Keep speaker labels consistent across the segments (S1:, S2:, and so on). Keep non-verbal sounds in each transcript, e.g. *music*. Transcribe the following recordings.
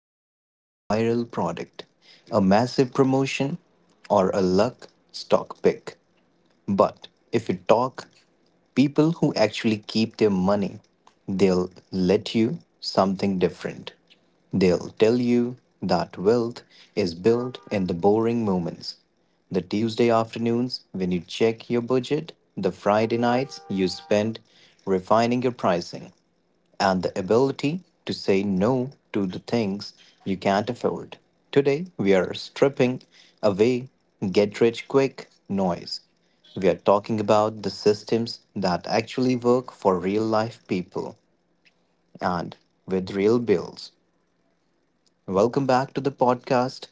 S1: break, a viral product, a massive promotion, or a luck stock pick. But if you talk people who actually keep their money, they'll let you something different. They'll tell you that wealth is built in the boring moments. The Tuesday afternoons when you check your budget, the Friday nights you spend refining your pricing, and the ability to say no to the things you can't afford. Today, we are stripping away get rich quick noise. We are talking about the systems that actually work for real life people and with real bills. Welcome back to the podcast,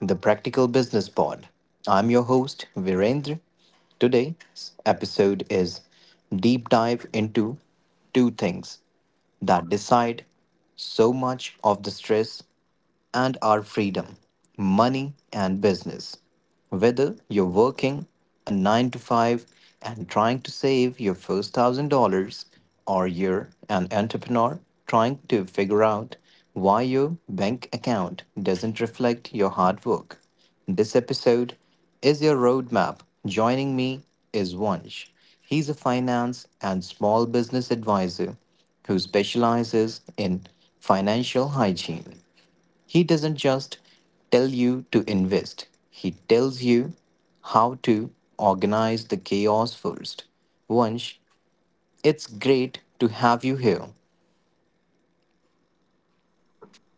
S1: The Practical Business Pod. I'm your host, Virendra. Today's episode is deep dive into two things that decide so much of the stress and our freedom, money and business. Whether you're working a 9 to 5 and trying to save your first $1,000 or you're an entrepreneur trying to figure out why your bank account doesn't reflect your hard work. This episode is your roadmap. Joining me is Vansh. He's a finance and small business advisor who specializes in financial hygiene. He doesn't just tell you to invest, he tells you how to organize the chaos first. Vansh, it's great to have you here.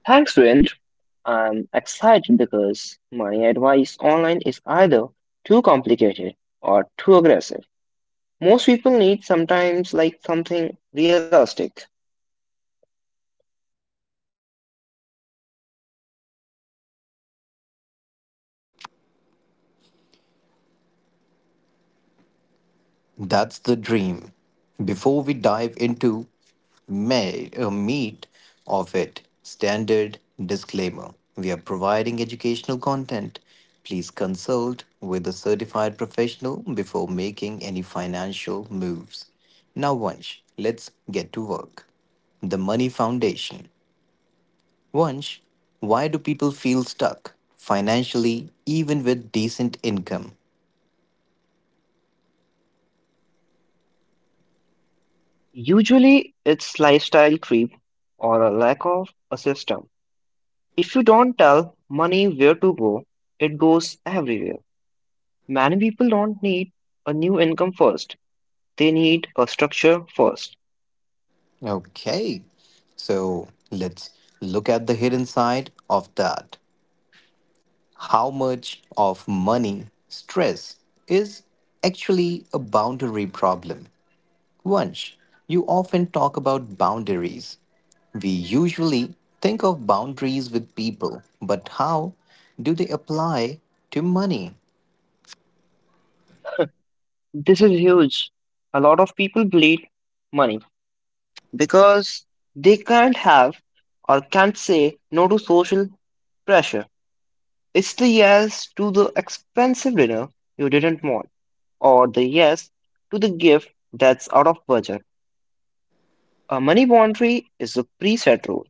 S2: Thanks, Vint. I'm excited because my advice online is either too complicated or too aggressive. Most people need sometimes like something realistic.
S1: That's the dream. Before we dive into meat of it, standard disclaimer we are providing educational content. Please consult with a certified professional before making any financial moves. Now, Vansh, let's get to work. The Money Foundation. Vansh, why do people feel stuck financially even with decent income?
S2: Usually it's lifestyle creep or a lack of a system. If you don't tell money where to go, it goes everywhere. Many people don't need a new income first. They need a structure first.
S1: Okay, so let's look at the hidden side of that. How much of money stress is actually a boundary problem? Vansh, you often talk about boundaries. We usually think of boundaries with people, but how do they apply to money?
S2: This is huge. A lot of people bleed money because they can't have or can't say no to social pressure. It's the yes to the expensive dinner you didn't want, or the yes to the gift that's out of budget. A money boundary is a preset rule.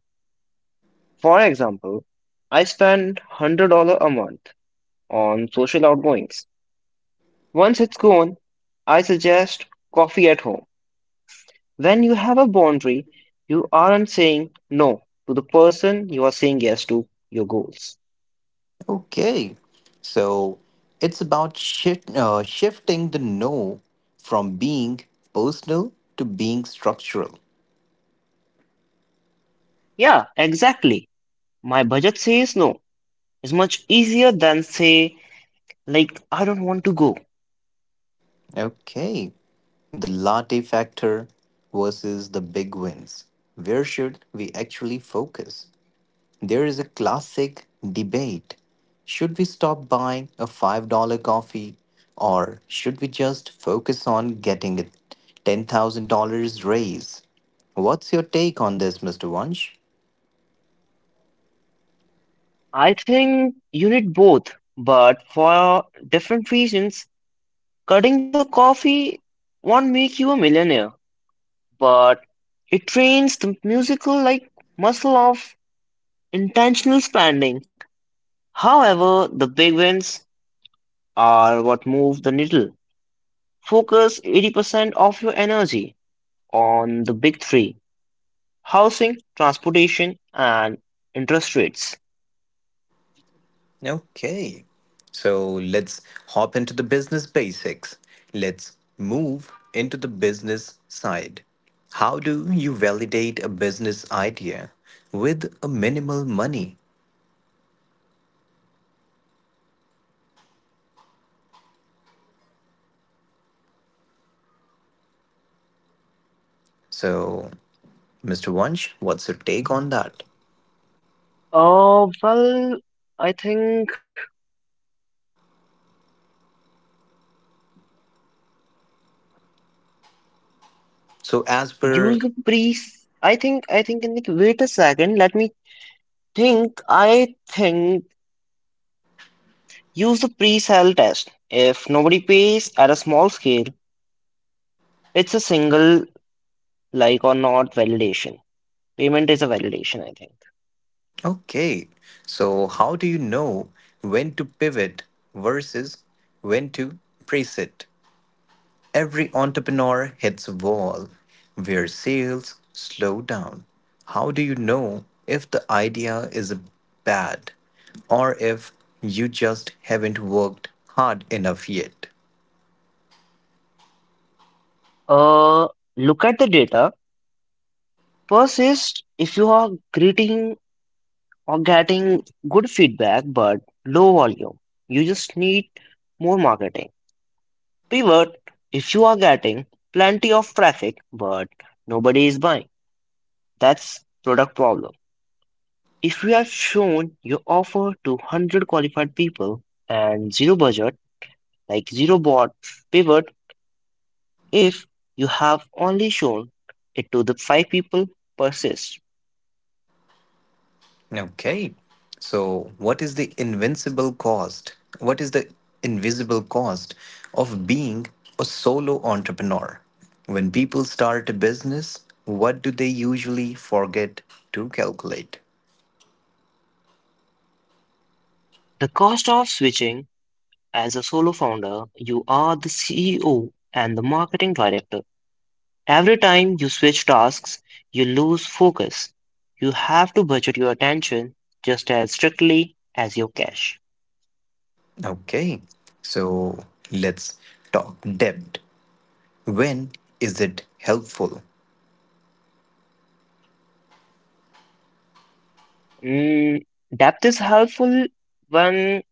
S2: For example, I spend $100 a month on social outgoings. Once it's gone, I suggest coffee at home. When you have a boundary, you aren't saying no to the person, you are saying yes to your goals.
S1: Okay, so it's about shifting the no from being personal to being structural.
S2: Yeah, exactly. My budget says no. It's much easier than say, like, I don't want to go.
S1: Okay, the latte factor versus the big wins. Where should we actually focus? There is a classic debate. Should we stop buying a $5 coffee or should we just focus on getting a $10,000 raise? What's your take on this, Mr. Wunsch?
S2: I think you need both, but for different reasons. Cutting the coffee won't make you a millionaire, but it trains the musical like muscle of intentional spending. However, the big wins are what move the needle. Focus 80% of your energy on the big three: housing, transportation, and interest rates.
S1: Okay, so let's hop into the business basics. Let's move into the business side. How do you validate a business idea with a minimal money? So, Mr. Wunsch, what's your take on that?
S2: Well, I think
S1: So, as per,
S2: use the pre. I think, in the, wait a second, let me think. I think use the pre-sale test. If nobody pays at a small scale, it's a single like or not validation. Payment is a validation, I think.
S1: okay, so how do you know when to pivot versus when to preset? Every entrepreneur hits a wall where sales slow down. How do you know if the idea is bad or if you just haven't worked hard enough yet?
S2: Uh, look at the data. Persist if you are greeting or getting good feedback but low volume. You just need more marketing. Pivot if you are getting plenty of traffic but nobody is buying. That's product problem. If you have shown your offer to 100 qualified people and zero budget, like zero bot pivot, if you have only shown it to the five people, persist.
S1: Okay, so what is the invincible cost? What is the invisible cost of being a solo entrepreneur? When people start a business, what do they usually forget to calculate?
S2: The cost of switching as a solo founder, you are the CEO and the marketing director. Every time you switch tasks, you lose focus. You have to budget your attention just as strictly as your cash.
S1: Okay, so let's talk debt. When is it helpful?
S2: Mm, depth is helpful when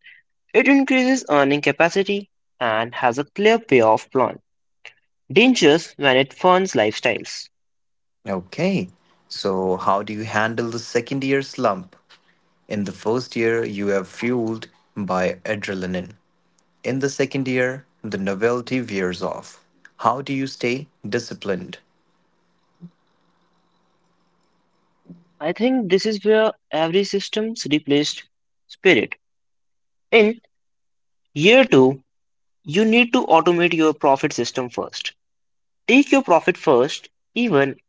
S2: it increases earning capacity and has a clear payoff plan. Dangers when it funds lifestyles.
S1: Okay, so how do you handle the second year slump? In the first year, you are fueled by adrenaline. In the second year, the novelty wears off. How do you stay disciplined?
S2: I think this is where every system's replaced spirit. In year two, you need to automate your profit system first. Take your profit first, even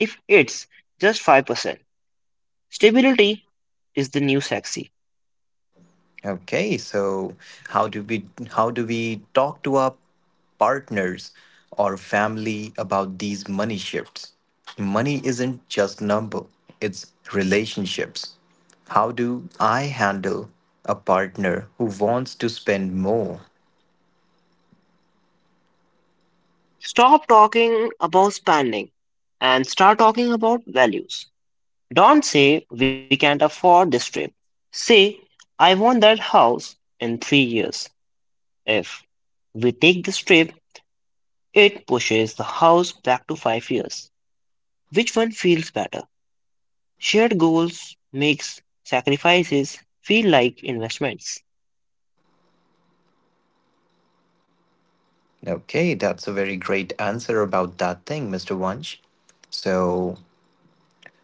S2: if it's just 5%. Stability is the new sexy.
S1: Okay, so how do we how do we talk to our partners or family about these money shifts? Money isn't just number, it's relationships. How do I handle a partner who wants to spend more?
S2: Stop talking about spending and start talking about values. Don't say we can't afford this trip. Say I want that house in 3 years. If we take this trip, it pushes the house back to 5 years. Which one feels better? Shared goals makes sacrifices feel like investments.
S1: Okay, that's a very great answer about that thing, Mr. Wunsch. So,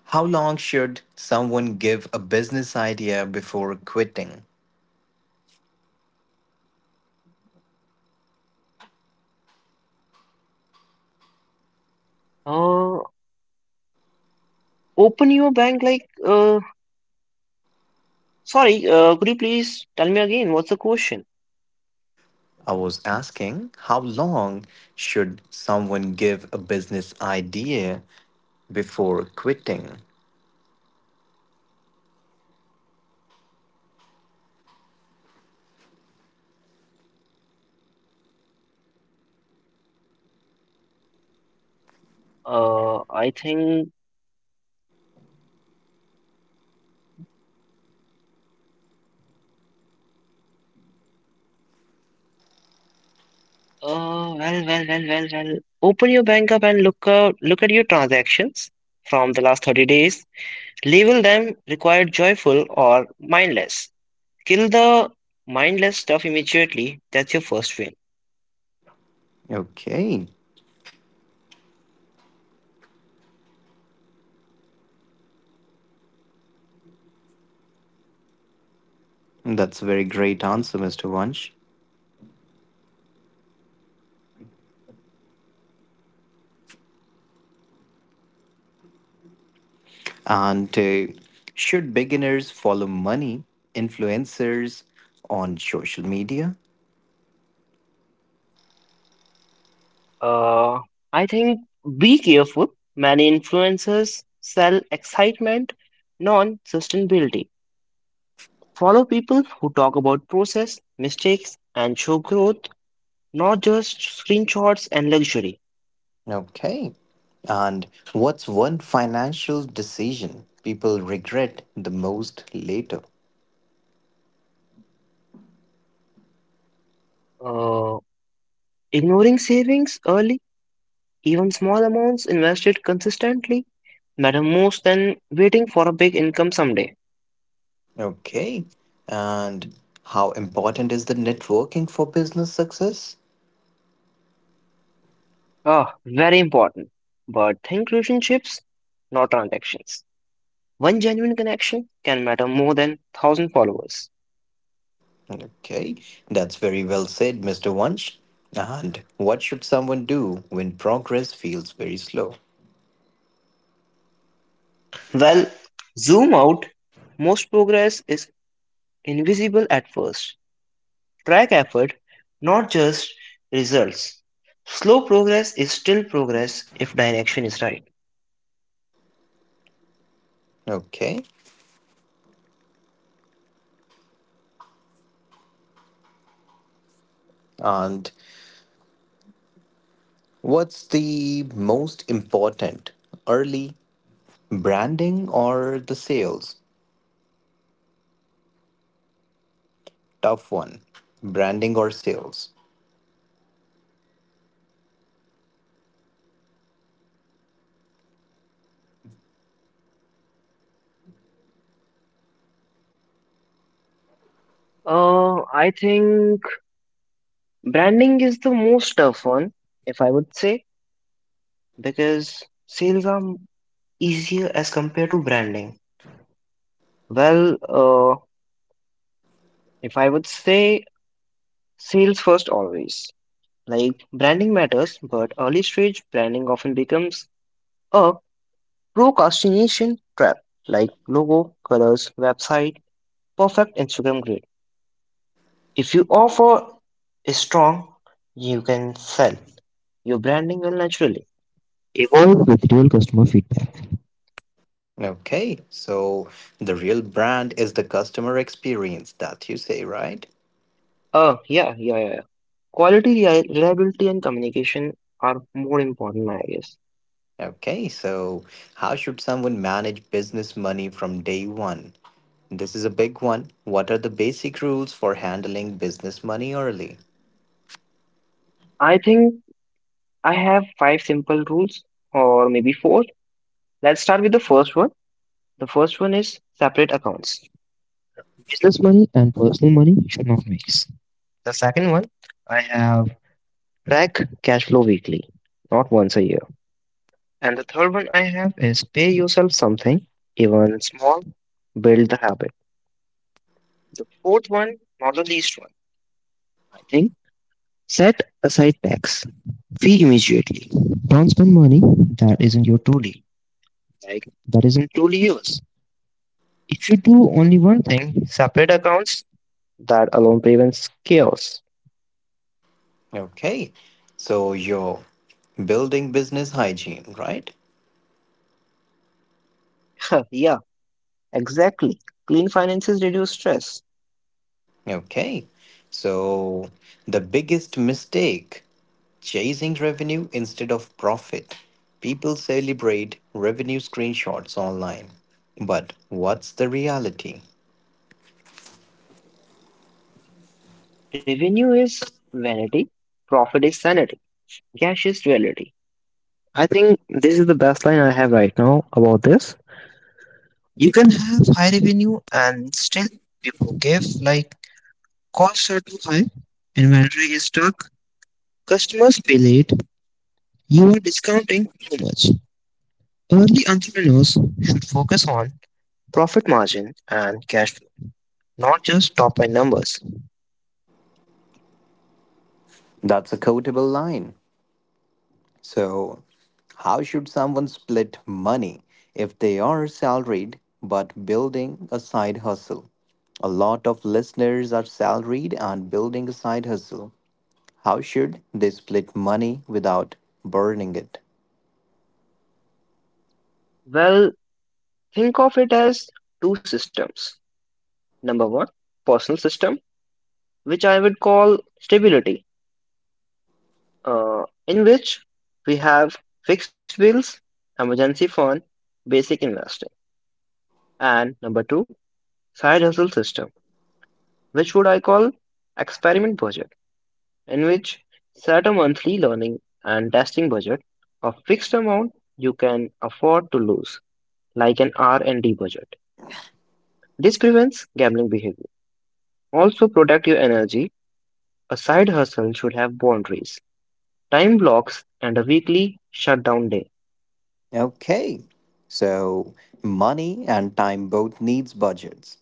S1: how long should someone give a business idea before quitting?
S2: Uh, open your bank like sorry, could you please tell me again what's the question?
S1: I was asking how long should someone give a business idea before quitting?
S2: I think Oh, well. Open your bank up and look at your transactions from the last 30 days. Label them required, joyful, or mindless. Kill the mindless stuff immediately. That's your first win.
S1: Okay, that's a very great answer, Mr. Vansh. And Should beginners follow money influencers on social media?
S2: Uh, I think be careful. Many influencers sell excitement, non-sustainability. Follow people who talk about process, mistakes, and show growth, not just screenshots and luxury.
S1: Okay. And what's one financial decision people regret the most later?
S2: Uh, Ignoring savings early, even small amounts invested consistently, matter more than waiting for a big income someday.
S1: Okay. And how important is the networking for business success?
S2: Ah, very important. But think relationships, not transactions. One genuine connection can matter more than thousand followers.
S1: Okay. That's very well said, Mr. Wunsch. And what should someone do when progress feels very slow?
S2: Well, zoom out. Most progress is invisible at first. Track effort, not just results. Slow progress is still progress if direction is right.
S1: Okay. And what's the most important? Early branding or the sales? Tough one. Branding or sales?
S2: I think branding is the most tough one, if I would say, because sales are easier as compared to branding. Well, if I would say, sales first always. Like branding matters, but early stage branding often becomes a procrastination trap, like logo, colors, website, perfect Instagram grid. If you offer is strong, you can sell. Your branding will naturally evolve with real customer feedback.
S1: Okay, so the real brand is the customer experience that you say, right?
S2: Yeah, yeah, yeah, yeah. Quality, reliability, and communication are more important, I guess.
S1: Okay, so how should someone manage business money from day one? This is a big one. What are the basic rules for handling business money early?
S2: I think I have five simple rules, or maybe four. Let's start with the first one. The first one is separate accounts. Business money and personal money should not mix. The second one, I have track cash flow weekly, not once a year. And the third one I have is pay yourself something, even small, build the habit. The fourth one, not the least one, I think, set aside tax fee immediately. Don't spend money that isn't your truly, like that isn't truly yours. If you do only one thing, separate accounts, that alone prevents chaos.
S1: Okay, so you're building business hygiene, right?
S2: *laughs* Yeah, exactly. Clean finances reduce stress.
S1: Okay, so the biggest mistake chasing revenue instead of profit. People celebrate revenue screenshots online. But what's the reality?
S2: Revenue is vanity, profit is sanity, cash is reality. I think this is the best line I have right now about this. You can have high revenue and still be broke if like costs are too high, inventory is stuck, customers pay late. You are discounting too much. Early entrepreneurs should focus on profit margin and cash flow, not just top line numbers.
S1: That's a quotable line. So, how should someone split money if they are salaried but building a side hustle? A lot of listeners are salaried and building a side hustle. How should they split money without burning it?
S2: Well, think of it as two systems. Number one, personal system, which I would call stability, in which we have fixed bills, emergency fund, basic investing. And number two, side hustle system, which would I call experiment budget, in which set a monthly learning and testing budget, a fixed amount you can afford to lose, like an R&D budget. This prevents gambling behavior. Also protect your energy. A side hustle should have boundaries, time blocks, and a weekly shutdown day.
S1: Okay. So, money and time both needs budgets.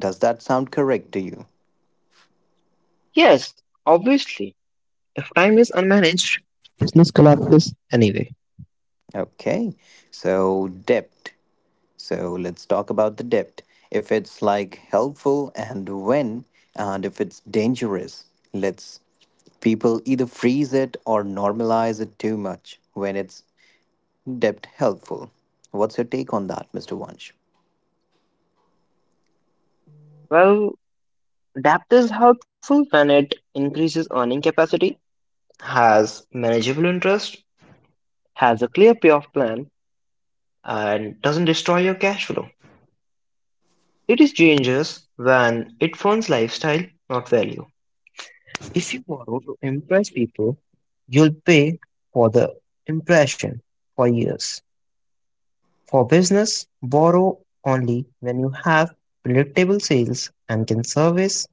S1: Does that sound correct to you?
S2: Yes, obviously, if time is unmanaged, business collapses anyway.
S1: Okay. So, debt. So let's talk about the depth. If it's like helpful and when, and if it's dangerous, let's people either freeze it or normalize it too much when it's depth helpful. What's your take on that, Mr. Wunsch?
S2: Well, depth is helpful when it increases earning capacity, has manageable interest, has a clear payoff plan, and doesn't destroy your cash flow. It is dangerous when it funds lifestyle, not value. If you borrow to impress people, you'll pay for the impression for years. For business, borrow only when you have predictable sales and can service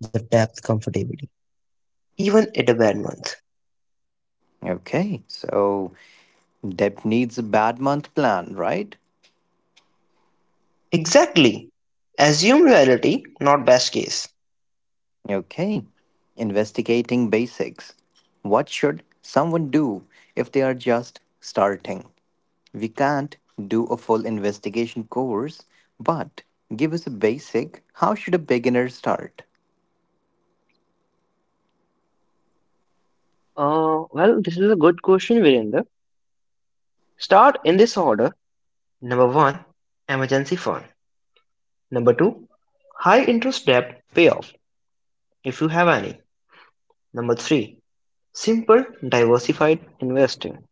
S2: the debt comfortably, even at a bad month.
S1: Okay, so depth needs a bad month plan, right?
S2: Exactly. Assume reality, not best case.
S1: Okay, investigating basics. What should someone do if they are just starting? We can't do a full investigation course, but give us a basic how should a beginner start?
S2: Well, this is a good question, Virender. Start in this order. Number 1: emergency fund. Number 2: high interest debt payoff if you have any. Number 3: simple diversified investing.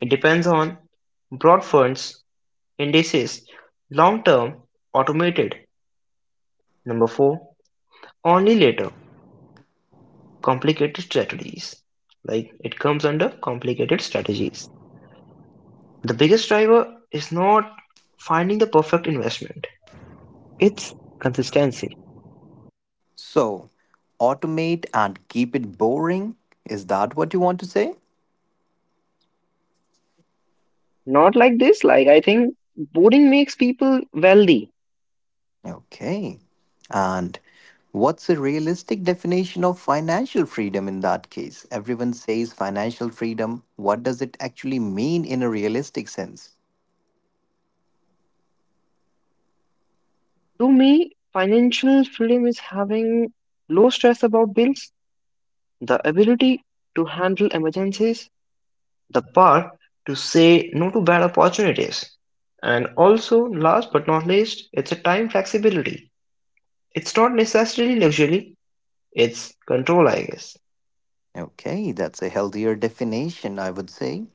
S2: It depends on broad funds, indices, long term, automated. Number 4: only later complicated strategies. Like it comes under complicated strategies. The biggest driver is not finding the perfect investment. It's consistency.
S1: So, automate and keep it boring. Is that what you want to say?
S2: Not like this. Like, I think boring makes people wealthy.
S1: Okay. And what's a realistic definition of financial freedom in that case? Everyone says financial freedom. What does it actually mean in a realistic sense?
S2: To me, financial freedom is having low stress about bills, the ability to handle emergencies, the power to say no to bad opportunities. And also, last but not least, it's a time flexibility. It's not necessarily luxury, it's control, I guess.
S1: Okay, that's a healthier definition, I would say.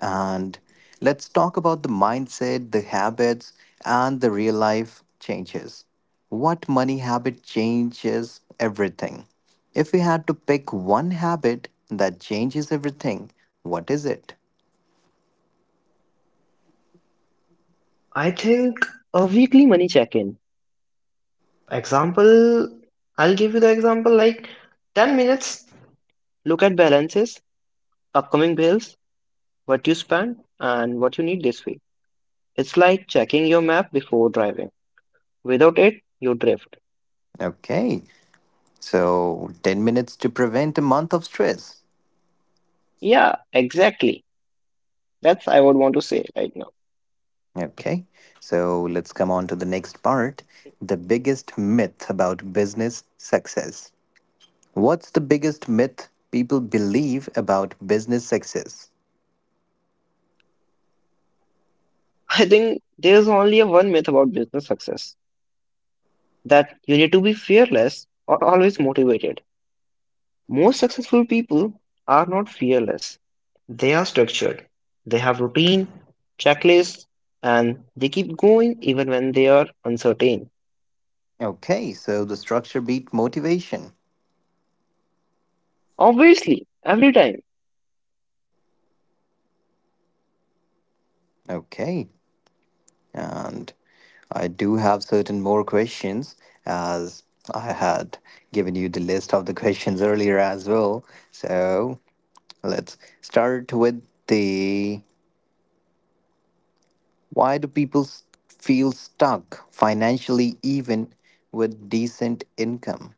S1: And let's talk about the mindset, the habits, and the real life changes. What money habit changes everything? If we had to pick one habit that changes everything, what is it?
S2: I think a weekly money check-in. Example, I'll give you the example like 10 minutes, look at balances, upcoming bills, what you spent, and what you need this week. It's like checking your map before driving. Without it, you drift.
S1: Okay, so 10 minutes to prevent a month of stress.
S2: Yeah, exactly. That's I would want to say right now.
S1: Okay, so let's come on to the next part the biggest myth about business success. What's the biggest myth people believe about business success?
S2: *laughs* I think there's only a one myth about business success, that you need to be fearless or always motivated. Most successful people are not fearless. They are structured. They have routine, checklists, and they keep going even when they are uncertain.
S1: Okay, so the structure beat motivation.
S2: Obviously, every time.
S1: Okay, and I do have certain more questions as I had given you the list of the *laughs* questions earlier as well. So let's start with the why do people feel stuck financially even with decent income?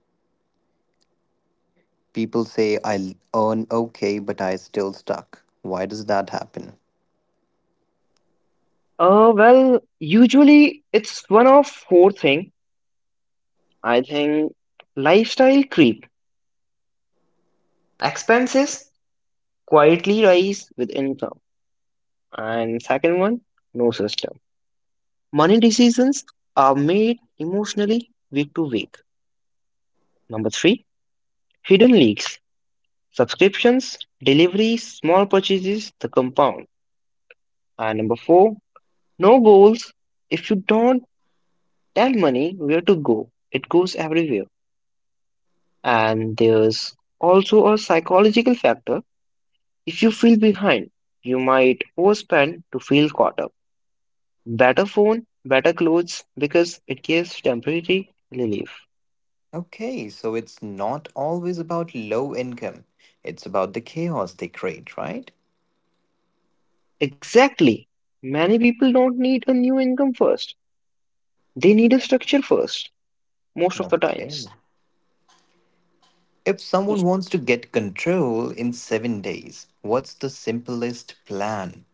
S1: People say I earn okay, but I still stuck. Why does that happen?
S2: Well, usually it's one of four things. I think lifestyle creep. Expenses quietly rise with income. And second one, no system. Money decisions are made emotionally week to week. Number three, hidden leaks. Subscriptions, deliveries, small purchases, the compound. And number four, no goals. If you don't tell money where to go, it goes everywhere. And there's also a psychological factor. If you feel behind, you might overspend to feel caught up. Better phone, better clothes because it gives temporary relief.
S1: Okay, so it's not always about low income. It's about the chaos they create, right?
S2: Exactly. Many people don't need a new income first. They need a structure first, most of the
S1: Okay.
S2: times.
S1: If someone wants to get control in 7 days, what's the simplest plan?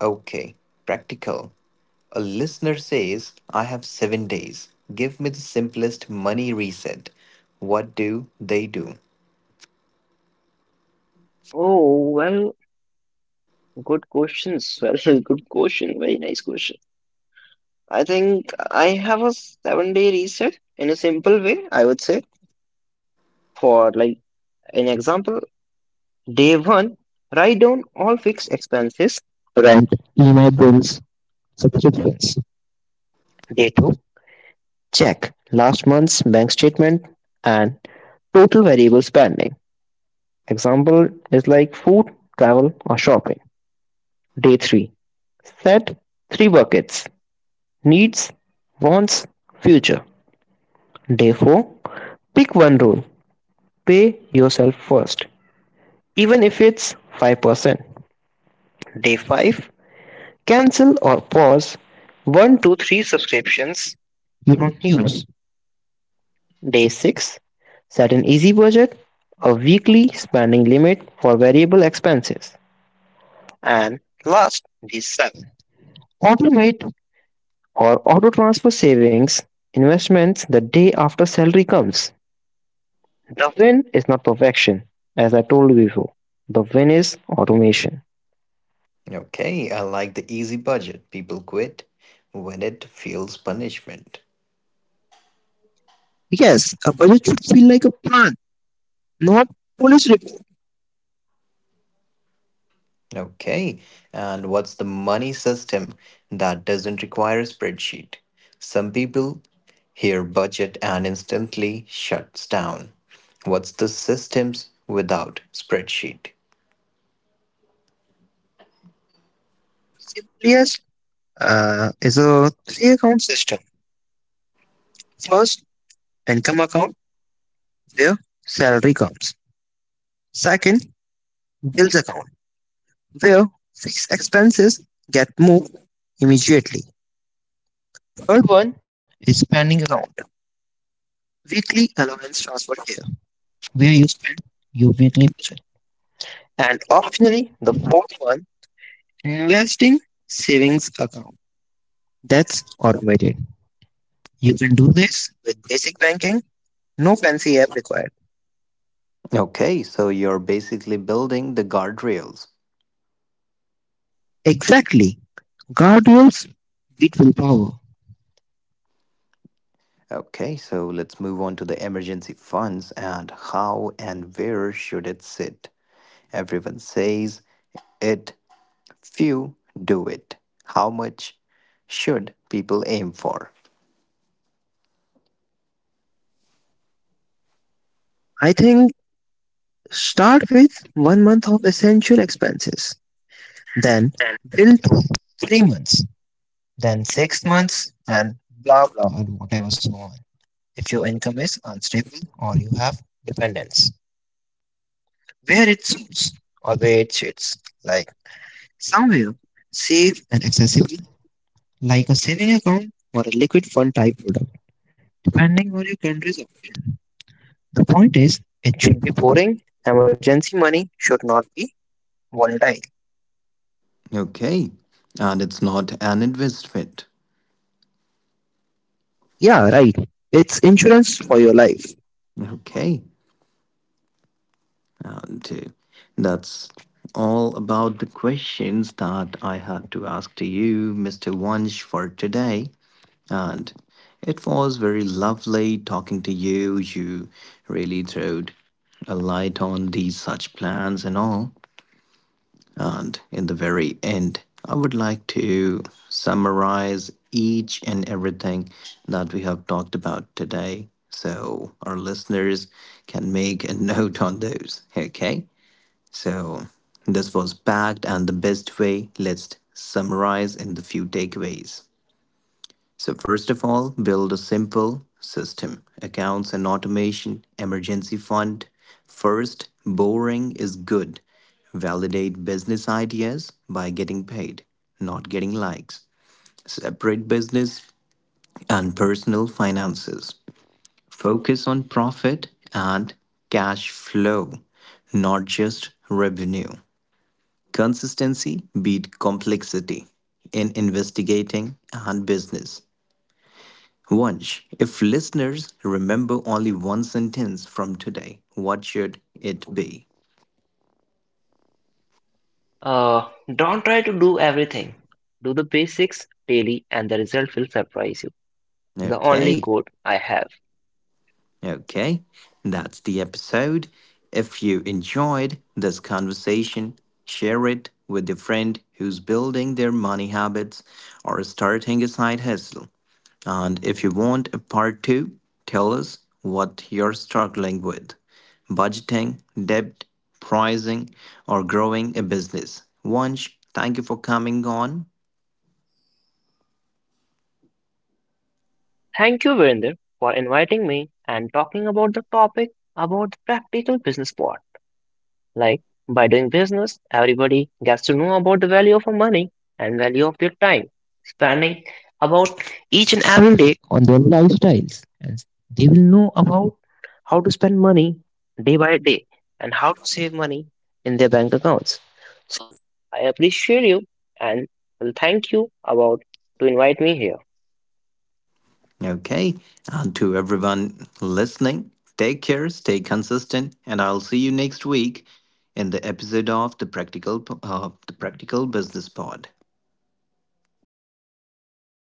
S1: Okay, practical. A listener says, I have 7 days. Give me the simplest money reset. What do they do?
S2: Oh, well, good question, Swell. *laughs* Good question. Very nice question. I think I have a 7 day reset in a simple way, I would say. For like an example, day one, write down all fixed expenses, rent, email bills, subscriptions. Day two, check last month's bank statement and total variable spending. Example is like food, travel, or shopping. Day three, set three buckets: needs, wants, future. Day 4, pick one rule, pay yourself first, even if it's 5%. Day 5, cancel or pause 1 to 3 subscriptions you don't use. Day 6, set an easy budget, a weekly spending limit for variable expenses. And last, day 7, automate or auto transfer savings investments the day after salary comes. The win is not perfection, as I told you before. The win is automation.
S1: Okay, I like the easy budget. People quit when it feels punishment.
S2: Yes, a budget should feel like a plan, not police report.
S1: Okay. And what's the money system that doesn't require a spreadsheet? Some people hear budget and instantly shuts down. What's the systems without spreadsheet?
S2: Yes, is a three account system. First, income account where salary comes. Second, bills account where fixed expenses get moved immediately. Third one is spending account, weekly allowance transfer here where you spend your weekly budget. And optionally, the fourth one, investing savings account. That's automated. You can do this with basic banking, no fancy app required.
S1: Okay, so you're basically building the guardrails.
S2: Exactly. Guardrails beat willpower.
S1: Okay, so let's move on to the emergency funds and how and where should it sit? Everyone says it, few do it. How much should people aim for?
S2: I think start with 1 month of essential expenses, then build to 3 months, then 6 months, and blah blah and whatever so on. If your income is unstable or you have dependents, where it suits where it suits, like somewhere safe and accessible like a saving account or a liquid fund type product, depending on your country's option. The point is, it should be pouring. Emergency money should not be volatile.
S1: Okay. And it's not an investment.
S2: Yeah, right. It's insurance for your life.
S1: Okay. And That's all about the questions that I had to ask to you, Mr. Wunsch, for today. And it was very lovely talking to you. You really throwed a light on these such plans and all. And in the very end, I would like to summarize each and everything that we have talked about today so our listeners can make a *laughs* note on those. Okay? So this was packed and the best way. Let's summarize in the few takeaways. So, first of all, build a simple system accounts and automation, emergency fund. First, boring is good. Validate business ideas by getting paid, not getting likes. Separate business and personal finances. Focus on profit and cash flow, not just revenue. Consistency beat complexity in investigating and business. Vansh, if listeners remember only one sentence from today, what should it be?
S2: Uh, don't try to do everything. Do the basics daily and the result will surprise you. The only
S1: Okay.
S2: quote I have.
S1: Okay, that's the episode. If you enjoyed this conversation, share it with a friend who's building their money habits or starting a side hustle. And if you want a part two, tell us what you're struggling with budgeting, debt, pricing, or growing a business. Vansh, thank you for coming on.
S2: Thank you, Virender, for inviting me and talking about the topic about the practical business part. Like by doing business, everybody gets to know about the value of money and value of their time, spending about each and every day on their lifestyles. And they will know about how to spend money day by day and how to save money in their bank accounts. So I appreciate you and will thank you about to invite me here.
S1: Okay. And to everyone listening, take care, stay consistent, and I'll see you next week in the episode of the Practical Business Pod.